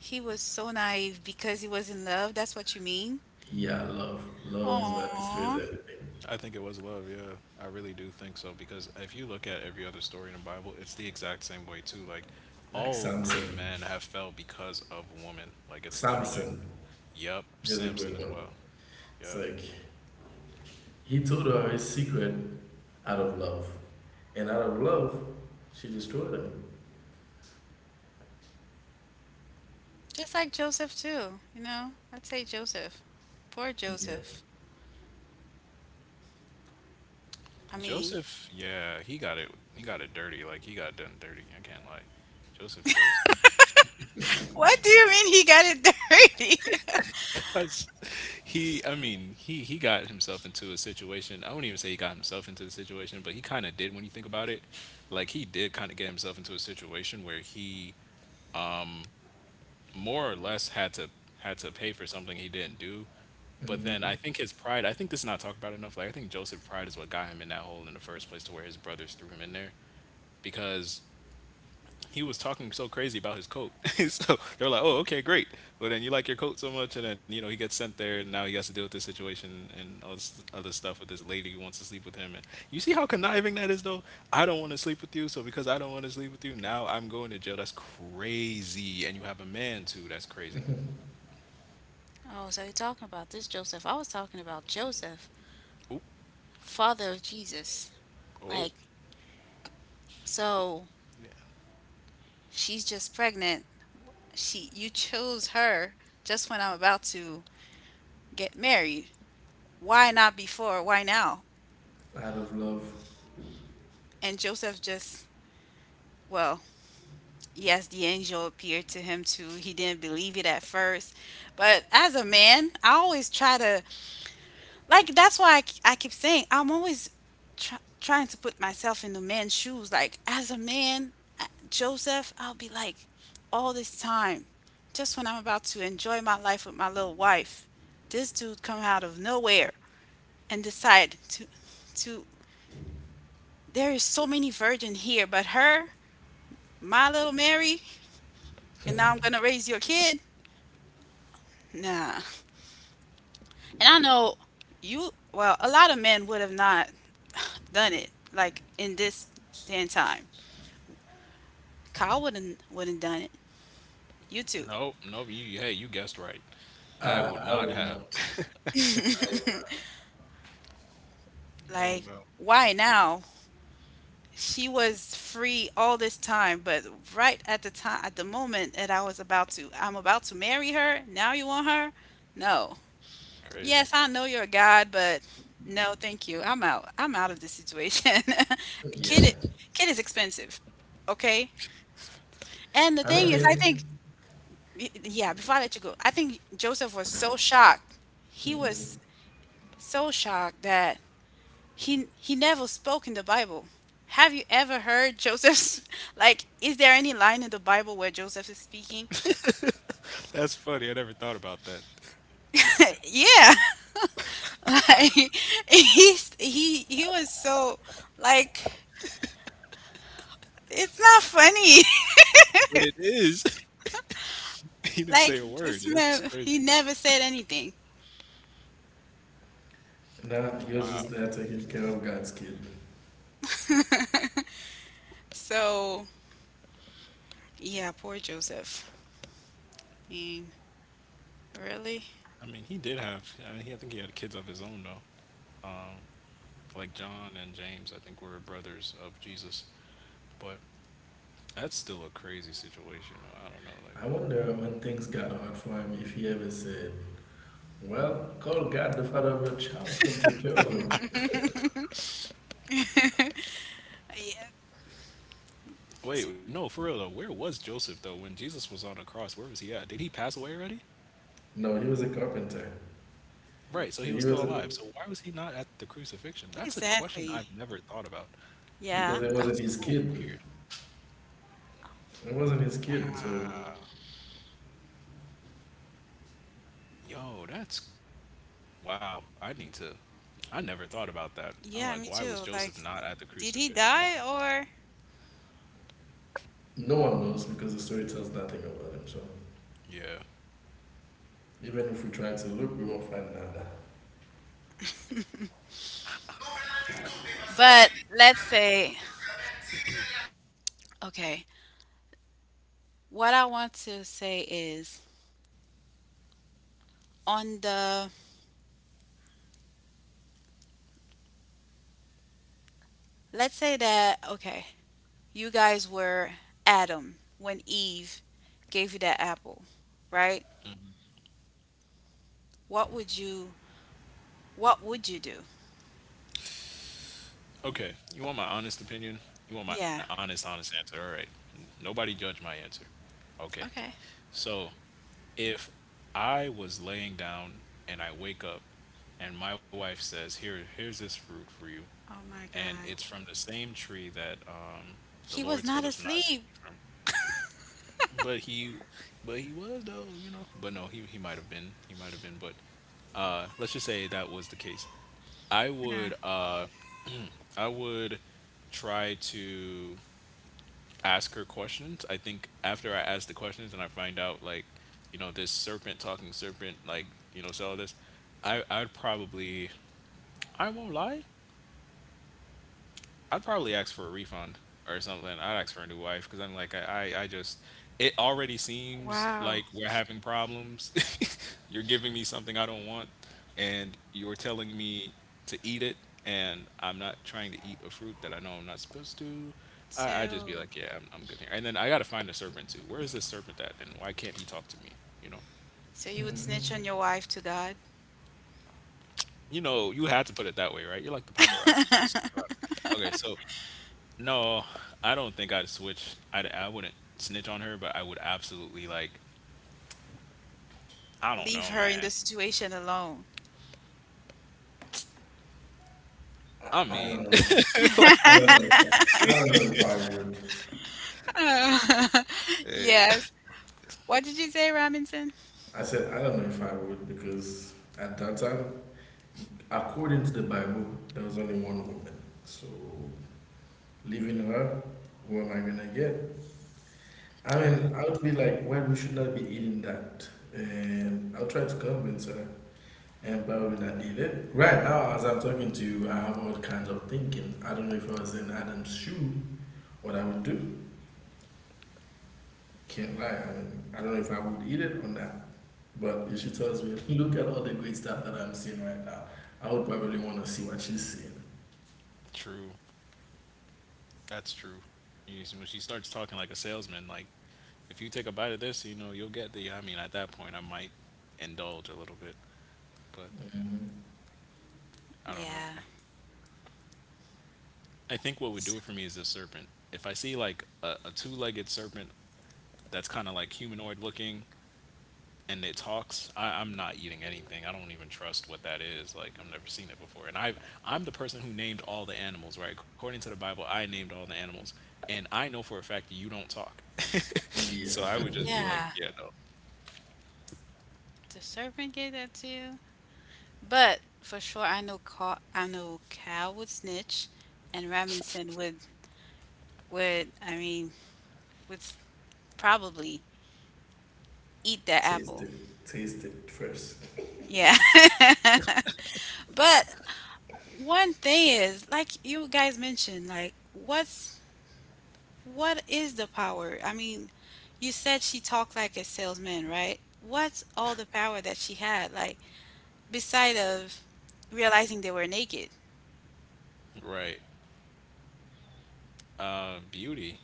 A: He was so naive because he was in love. That's what you mean?
C: Yeah, love. Love is what destroys
A: Aww.
C: everything.
B: I think it was love, yeah. I really do think so, because if you look at every other story in the Bible, it's the exact same way too. Like
C: Like
B: all great
C: Samson.
B: men have fell because of woman. Like it's literally
C: Samson
B: yep,
C: is a
B: Samson as
C: great one.
B: well. Yep.
C: It's like he told her his secret out of love. And out of love, she destroyed him.
A: Just like Joseph, too. You know, I'd say Joseph. Poor
C: Yeah.
A: Joseph. I mean,
B: Joseph, yeah, he got it dirty. Like he got done dirty, I can't lie. Joseph was
A: what do you mean he got it dirty?
B: because he I mean, he got himself into a situation. I wouldn't even say he got himself into the situation, but he kind of did when you think about it. Like he did kind of get himself into a situation where he um, more or less had to had to pay for something he didn't do. But then
C: hmm
B: I think his pride. I think this is not talked about enough. Like I think Joseph pride is what got him in that hole in the first place, to where his brothers threw him in there because he was talking so crazy about his coat. So they're like, "Oh, okay, great." But then you like your coat so much, and then you know he gets sent there, and now he has to deal with this situation and all this other stuff with this lady who wants to sleep with him. And you see how conniving that is, though. I don't want to sleep with you, so because I don't want to sleep with you, now I'm going to jail. That's crazy, and you have a man too. That's crazy.
A: Oh, so you're talking about this Joseph. I was talking about Joseph, father of Jesus. Like,
B: Oh,
A: so
B: yeah.
A: she's just pregnant. She you chose her just when I'm about to get married. Why not before? Why now?
C: Out of love.
A: And Joseph just, well, yes, the angel appeared to him too. He didn't believe it at first. But as a man, I always try to, like that's why I keep saying I'm always trying to put myself in the man's shoes. Like as a man, Joseph, I'll be like, all this time, just when I'm about to enjoy my life with my little wife, this dude come out of nowhere and decide to there is so many virgin here, but her, my little Mary, and now I'm gonna raise your kid. Nah, and I know you. Well, a lot of men would have not done it like in this day and time. Kyle wouldn't done it. You too.
B: No, no, hey, you guessed right. I would
C: I
B: not
C: would
B: have.
C: not. I would not.
A: like,
B: Oh, no.
A: why now? She was free all this time, but right at the time, at the moment that I was about to I'm about to marry her, now you want her? No. Yes,
B: Crazy.
A: I know you're a god, but no, thank you. I'm out. I'm out of this situation.
C: Yeah.
A: kid kid is expensive. Okay? And the
C: I
A: thing
C: mean
A: is, I think
C: him.
A: yeah, before I let you go, I think Joseph was so shocked. He was
C: hmm
A: so shocked that he never spoke in the Bible. Have you ever heard Joseph's like is there any line in the Bible where Joseph is speaking?
B: That's funny. I never thought about that.
A: yeah. Like he he was so, like, it's not funny.
B: But it is. He didn't say a
A: like
B: word.
A: this
B: That's
A: man,
B: crazy.
A: he never said anything.
C: Nah, he was just there
B: Wow.
C: taking care of God's kid.
A: So yeah, poor Joseph. I mean, really?
B: I mean, he did have, I think he had kids of his own, though. Like John and James, I think were brothers of Jesus. But that's still a crazy situation, though. I don't know.
C: I
B: Like,
C: wonder when things got hard for him if he ever said, "Well, call God the father of your child's gonna take care of him."
A: Yeah.
B: wait,
A: t-
B: no, for real, though. Where was Joseph, though, when Jesus was on the cross? Where was he at? Did he pass away already?
C: No, he was a carpenter.
B: Right, so he was
C: So he
B: still
C: was
B: alive. So why was he not at the crucifixion? That's a question I've
A: Exactly.
B: never thought about.
C: because
A: Yeah.
C: it wasn't
B: That's
C: his
B: so
C: kid.
B: weird.
C: It wasn't his kid, so
B: Wow. Yo, that's wow. I need to. I never thought about that. I'm like, why was
A: Yeah, me
B: Joseph not
A: too.
B: at the
A: Like
B: crucifixion? Wow.
A: did he die or,
C: no one knows because the story tells nothing about him. So
B: Yeah.
C: even if we try to look, we won't find nada.
A: but let's say, okay. What I want to say is, on the, let's say that okay, you guys were Adam when Eve gave you that apple, right? What would you, what would you do?
B: Okay. You want my honest opinion? You want my
A: Yeah.
B: honest, honest answer? All right. Nobody judge my answer. Okay.
A: Okay.
B: So if I was laying down and I wake up and my wife says, "Here, here's this fruit for you,"
A: Oh my
B: and
A: God.
B: it's from the same tree that the
A: He
B: Lord
A: was
B: told
A: not
B: us not to eat
A: asleep.
B: from. But he, but he was though. But no, he might have been, he might have been. But let's just say that was the case. I
A: Yeah.
B: would uh I would try to ask her questions. I think after I ask the questions and I find out like, this serpent talking serpent like saw this. I'd probably. I won't lie. I'd probably ask for a refund or something. I'd ask for a new wife because I'm like, I just, it already seems
A: Wow.
B: like we're having problems. You're giving me something I don't want, and you're telling me to eat it, and I'm not trying to eat a fruit that I know I'm not supposed to. I just be
A: So,
B: like, yeah, I'm good here. And then I got to find a serpent too. Where is this serpent at, and why can't he talk to me? You know,
A: so you would
C: hmm
A: snitch on your wife to God?
B: you know, you had to put it that way, right? You're like the paparazzi. Just look around. Okay, so, no, I don't think I'd switch. I wouldn't snitch on her, but I would absolutely like. I don't
A: Leave
B: know,
A: her in the
B: man.
A: situation alone.
B: I
C: I
B: mean,
C: don't know. If,
B: like
C: I
B: you.
C: don't know. If I, I don't know if I would.
B: eh,
A: yes. What did you say, Robinson?
C: I said I don't know if I would because at that time, according to the Bible, there was only one woman. So leaving her, who am I gonna get? I
B: Yeah,
C: mean, I would be like, why we should not be eating that? And I'll try to convince her and probably not eat it. Right now, as I'm talking to you, I have all kinds of thinking. I don't know if I was in Adam's shoe, what I would do. Can't lie. I mean, I don't know if I would eat it or not. But if she tells me, look at all the great stuff that I'm seeing right now, I would probably want to see what she's seeing.
B: true. That's true. You see, when she starts talking like a salesman, like if you take a bite of this, you know you'll get the. I mean, at that point, I might indulge a little bit, but
C: hmm
B: I don't know.
A: Yeah.
B: I think what would do
A: S-
B: it for me is a serpent. If I see like a two-legged serpent that's kind of like humanoid looking, and it talks, I'm not eating anything. I don't even trust what that is. Like, I've never seen it before, and I'm the person who named all the animals, right? According to the bible, I named all the animals, and I know for a fact you don't talk. So I
C: Yeah,
B: would just be like,
A: Yeah.
B: yeah, no.
A: The serpent gave that to you. But for sure I know Carl, I know Cal would snitch and Robinson would, would I mean would s- probably eat that
C: taste
A: apple.
C: it. Taste it first.
A: Yeah. But one thing is, like you guys mentioned, like what's, what is the power? I mean, you said she talked like a salesman, right? What's all the power that she had? Like beside of realizing they were naked.
B: Right. Beauty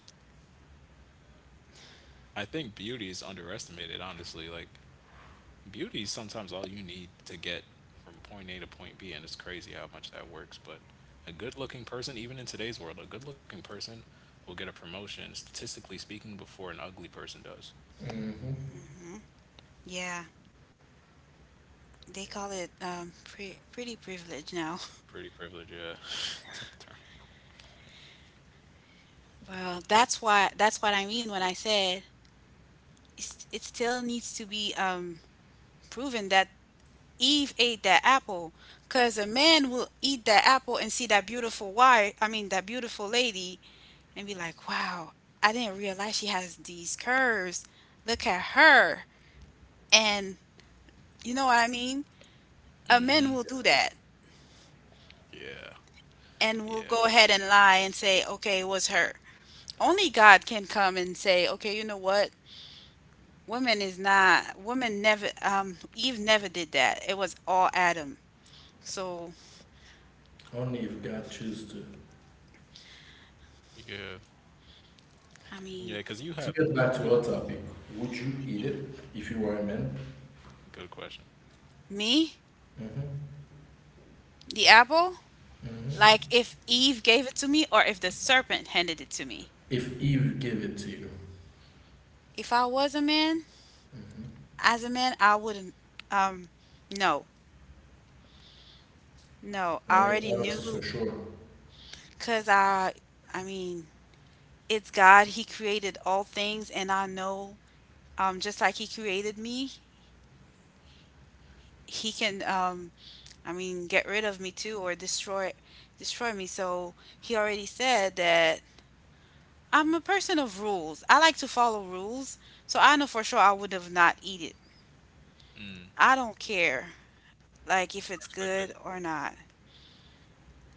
B: I think beauty is underestimated, honestly. Like, beauty is sometimes all you need to get from point A to point B, and it's crazy how much that works. But a good looking person, even in today's world, a good looking person will get a promotion, statistically speaking, before an ugly person does.
C: hmm
A: Yeah, they
B: Yeah.
A: call it pretty privilege now.
B: Pretty privilege, yeah.
A: Well, that's why, that's what I mean when I said it's, it still needs to be proven that Eve ate that apple, cause a man will eat that apple and see that beautiful wife. I mean that beautiful lady and be like, wow, I didn't realize she has these curves. Look at her. And you know what I mean? A man
B: Mm-hmm.
A: will do that
B: Yeah.
A: and will
B: Yeah.
A: go ahead and lie and say, okay, it was her. Only God can come and say, okay, you know what? Woman is not, woman never, Eve never did that. It was all Adam. So,
C: Only if God chooses to.
B: Yeah.
A: I mean,
B: Yeah, because you
C: To
B: have,
C: get back
B: you
C: to our
B: have,
C: topic, would you eat it if you were a man?
B: good question.
A: me,
C: Mm-hmm.
A: the apple,
C: Mm-hmm.
A: like if Eve gave it to me or if the serpent handed it to me.
C: If Eve gave it to you?
A: If I was a man,
C: Mm-hmm.
A: as a man, I wouldn't, um, no, no, I
C: What, make,
A: already
C: what makes you so
A: knew
C: sure?
A: because I mean, it's God. He created all things, and I know, just like He created me, He can, I mean, get rid of me too or destroy me. So he already said that I'm a person of rules. I like to follow rules. So I know for sure I would have not eat it.
B: Mm,
A: I don't care like if it's
B: I
A: good
B: respect it.
A: or not.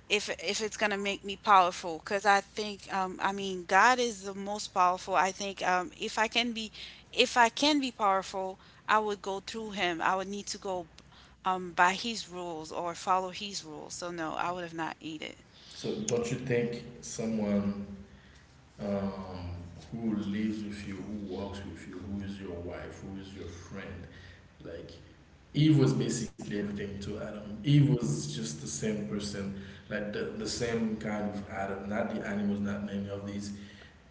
A: If it's gonna make me powerful, because I think I mean God is the most powerful. I think if I can be powerful, I would go through Him. I would need to go by His rules or follow His rules. So no, I would have not eat it.
C: So, don't you think someone, um, who lives with you, who walks with you, who is your wife, who is your friend, like Eve was basically everything to Adam. Eve was just the same person, like the same kind of Adam, not the animals, not any of these.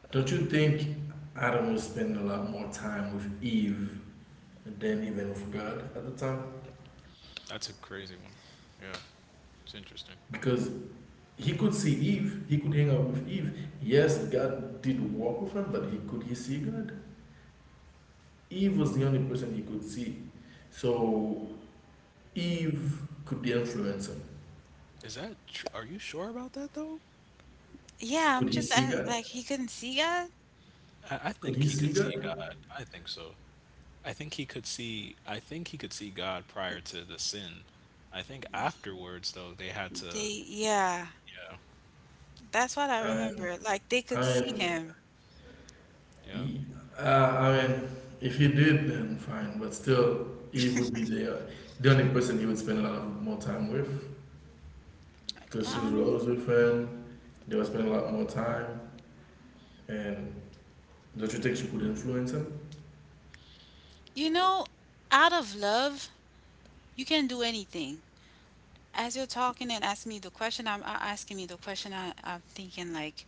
C: Don't you think Adam was spending a lot more time with Eve than even with God at the time?
B: That's a crazy one. Yeah. It's interesting.
C: Because he could see Eve, he could hang out with Eve. Yes, God did walk with him, but he could he see God? Eve was the only person he could see. So Eve could be influencing.
B: Is that, are you sure about that though?
A: Yeah,
C: Could
A: I'm
C: he
A: just
C: see God?
A: like he couldn't see God.
B: I
C: Could he
B: think
C: see
B: he
C: God?
B: could see God. I think so. I think he could see. I think he could see God prior to the sin. I think afterwards, though, they had
A: They,
B: to.
A: yeah,
B: Yeah,
A: that's what I
C: I'm,
A: remember. Like they could see
C: I'm
A: him.
B: yeah,
C: He, I mean, if he did, then fine. But still, Eve would be the only person he would spend a lot of more time with because she
A: I
C: was
B: true.
A: mean,
C: always with him. They would spend a lot more time. And don't you think she could influence him?
A: you know, out of love, you can do anything. As you're talking and asking me the question, I'm, I asking me the question. I, I'm thinking like,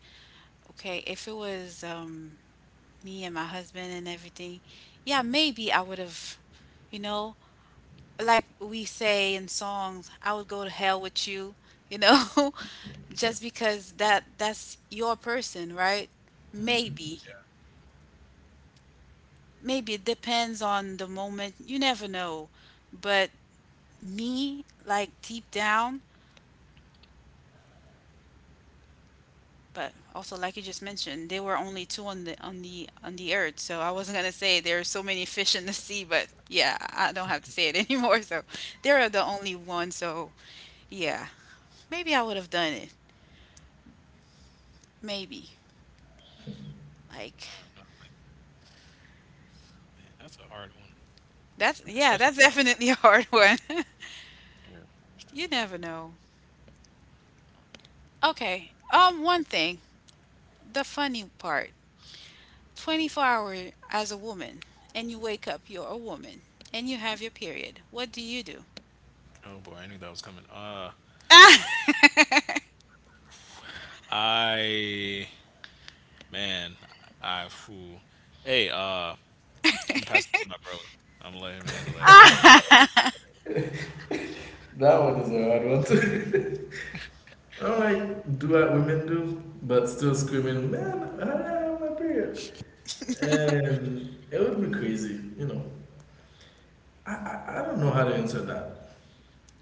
A: okay, if it was me and my husband and everything, yeah, maybe I would have, you know, like we say in songs, I would go to hell with you, you know, just because that's your person, right? Maybe. Maybe it depends on the moment. You never know. But me, like deep down, but also like you just mentioned, there were only two on the on the on the earth. So I wasn't gonna say there are so many fish in the sea, but yeah, I don't have to say it anymore. So there are the only one. So yeah, maybe I would have done it. Maybe like,
B: I don't know, like, man, that's a hard one,
A: that's yeah,
B: especially
A: that's
B: because.
A: definitely a hard one. You never know. Okay. One thing, the funny part. 24-hour as a woman and you wake up, you're a woman and you have your period. What do you do?
B: Oh boy, I knew that was coming. I man, I who, hey, I'm gonna pass it to my bro. I'm gonna let him handle that because I don't know.
C: That one is a hard one. I'm like, do what women do, but still screaming, "Man, I have my period." And it would be crazy, you know. I don't know how to answer that.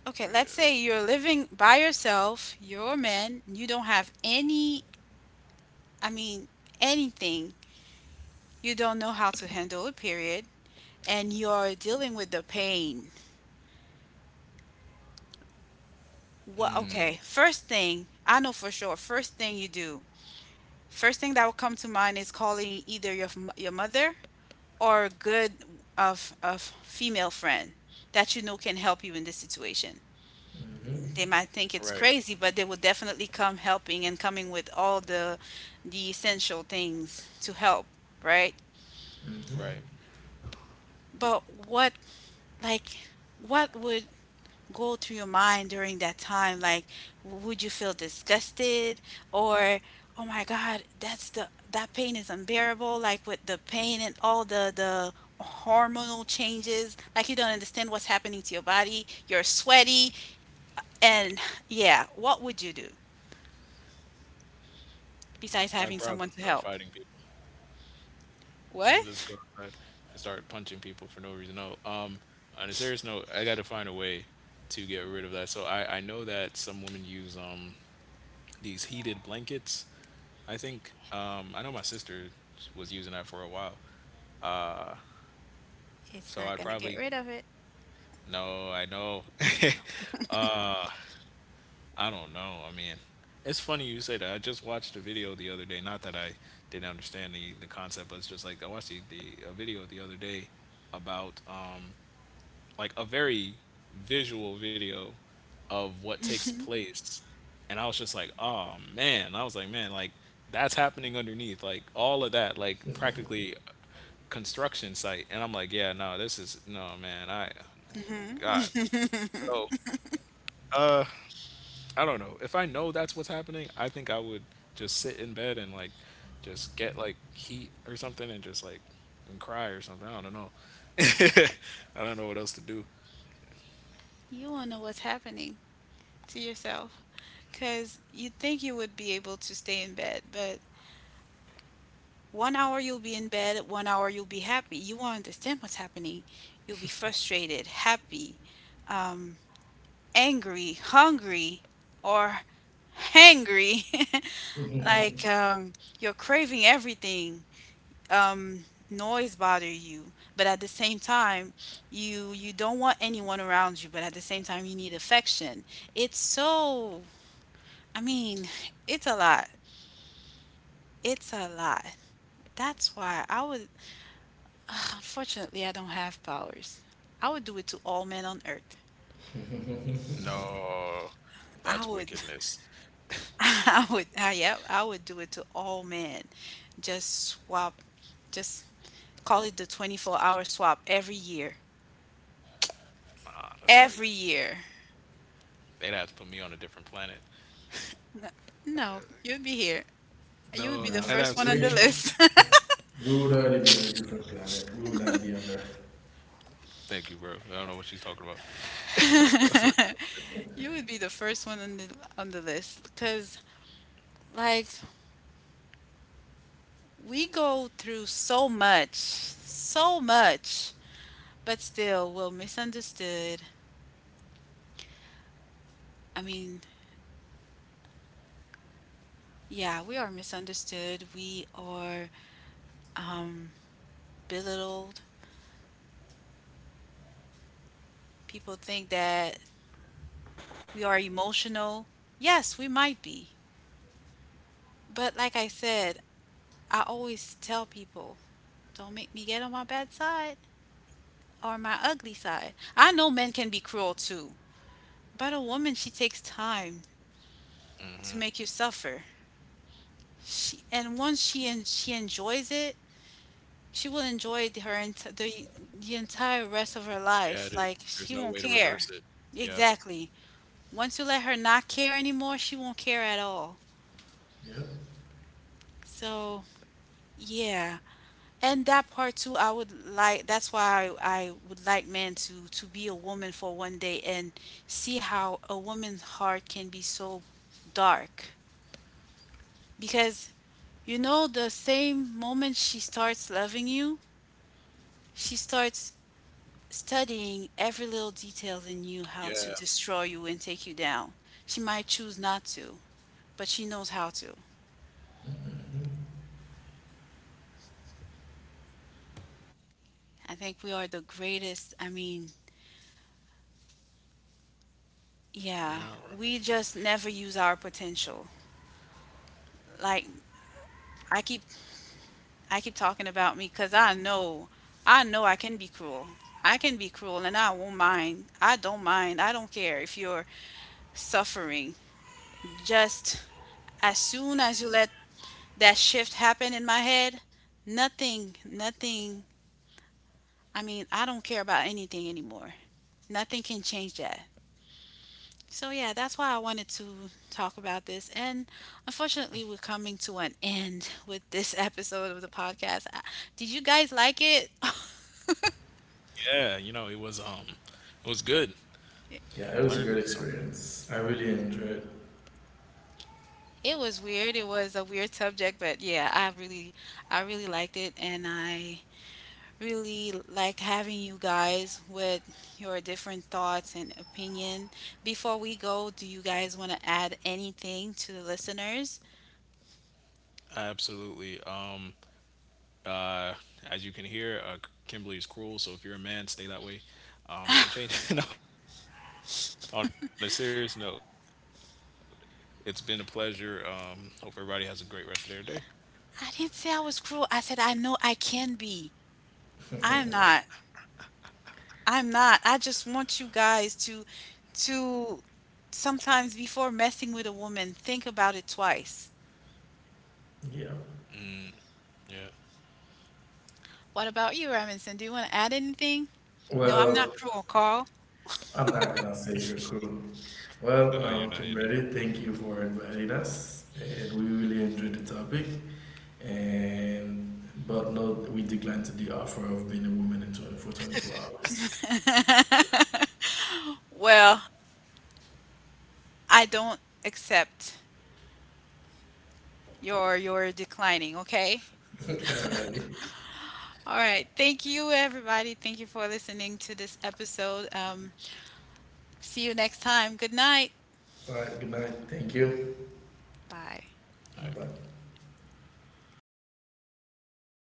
A: Okay, let's
B: Yeah.
A: say you're living by yourself, you're a man, you don't have any, I mean, anything. You don't know how to handle a period and you're dealing with the pain. What,
B: Mm.
A: okay, first thing, I know for sure, first thing you do, first thing that will come to mind is calling either your your mother or a good of female friend that you know can help you in this situation. They
C: hmm
A: might think it's
B: Right,
A: crazy, but they will definitely come helping and coming with all the essential things to help, right?
B: right.
C: hmm
A: But what, like what would go through your mind during that time? Like, would you feel disgusted or, oh my God, that's the, that pain is unbearable. Like with the pain and all the hormonal changes, like you don't understand what's happening to your body. You're sweaty, and yeah, what would you do besides
B: I'd
A: having
B: probably
A: someone to
B: start
A: help?
B: fighting people. I'll just
A: What?
B: go outside and start punching people for no reason. No. On a serious note, I got to find a way to get rid of that. So I know that some women use these heated blankets. I think I know my sister was using that for a while. Uh,
A: It's
B: so
A: not
B: I'd
A: gonna get
B: probably.
A: rid of it.
B: No, I know. uh, I don't know. I mean, it's funny you say that. I just watched a video the other day. Not that I didn't understand the concept, but it's just like I watched the, a video the other day about like a very visual video of what takes place. And I was just like, oh man. I was like, man, like, that's happening underneath, like, all of that, like, practically a construction site, and I'm like, yeah, no, this is no, man, I god.
A: hmm
B: So uh I don't know if I know that's what's happening. I think I would just sit in bed and, like, just get, like, heat or something, and just, like, and cry or something. I don't know. I don't know what else to do.
A: you won't know what's happening to yourself because you think you would be able to stay in bed, but 1 hour you'll be in bed, 1 hour you'll be happy. You won't understand what's happening. You'll be frustrated, happy, um, angry, hungry, or hangry. like um, you're craving everything. Um, Noise bother you, but at the same time, you don't want anyone around you. But at the same time, you need affection. It's so. I mean, it's a lot. It's a lot. That's why I would. Unfortunately, I don't have powers. I would do it to all men on earth.
B: No, that's
A: I would,
B: wickedness.
A: I would, yeah, I would do it to all men. Just swap, just call it the 24-hour swap every year.
B: Nah, that's crazy.
A: Every year.
B: They'd have to put me on a different planet.
A: No, you'd be here. You would
B: No,
A: be the
B: I'd
C: Yeah,
B: have
A: first
B: to
A: one on the
B: leave.
C: we
A: list.
C: we would already be in a different planet. We would not be on Earth.
B: Thank you, bro. I don't know what she's talking about. That first one.
A: You would be the first one on the list because like we go through so much, so much, but still we're misunderstood. I mean, yeah, we are misunderstood. We are um, belittled. People think that we are emotional. Yes, we might be. But like I said, I always tell people don't make me get on my bad side or my ugly side. I know men can be cruel too, but a woman, she takes time to make you suffer. She, and once she enjoys it, she will enjoy the entire rest of her
B: Yeah,
A: life. Like she
B: there's no
A: won't
B: way to
A: care.
B: reverse it. Yeah,
A: Exactly. Once you let her not care anymore, she won't care at all.
C: Yeah.
A: So, yeah. And that part too, I would like that's why I would like men to be a woman for one day and see how a woman's heart can be so dark. Because you know the same moment she starts loving you, she starts studying every little detail in you how to
B: yeah,
A: destroy you and take you down. She might choose not to, but she knows how to. I think we are the greatest. I mean, yeah,
B: you know, bro.
A: we just never use our potential. Like I keep I keep talking about me cuz I know I know I can be cruel. I can be cruel and I won't mind. I don't mind. I don't care if you're suffering. Just as soon as you let that shift happen in my head, nothing. I mean, I don't care about anything anymore. Nothing can change that. So yeah, that's why I wanted to talk about this. And unfortunately, we're coming to an end with this episode of the podcast. I- Did you guys like it?
B: Yeah. You know, it was good.
C: Yeah,
B: I
C: it was a great
B: learned something.
C: experience. I really enjoyed it.
A: It was weird. It was a weird subject, but yeah, I really liked it and I really like having you guys with your different thoughts and opinion. Before we go, do you guys want to add anything to the listeners?
B: Absolutely. Uh, as you can hear, Kimberly is cruel. So if you're a man, stay that way. Don't change. No. On a serious note, it's been a pleasure. Hope everybody has a great rest of their day.
A: I didn't say I was cruel. I said I know I can be. I'm not. I'm not. I just want you guys to sometimes before messing with a woman, think about it twice.
C: Yeah.
B: Yeah.
A: What about you, Robinson? Do you want to add anything? No, I'm
C: Well,
A: not cruel, Carl.
C: I'm not gonna say you're cool.
B: No,
C: Well,
B: you're not. You're not.
C: Kimberly, thank you for inviting us, and we really enjoyed the topic. And but no, we declined to the offer of being a woman in for 24 hours.
A: Well, I don't accept your declining, okay?
C: Alrighty.
A: All right. Thank you everybody. Thank you for listening to this episode. See you next time. Good night.
C: All right. Good night. Thank you.
B: All right.
A: Bye.
C: Bye bye.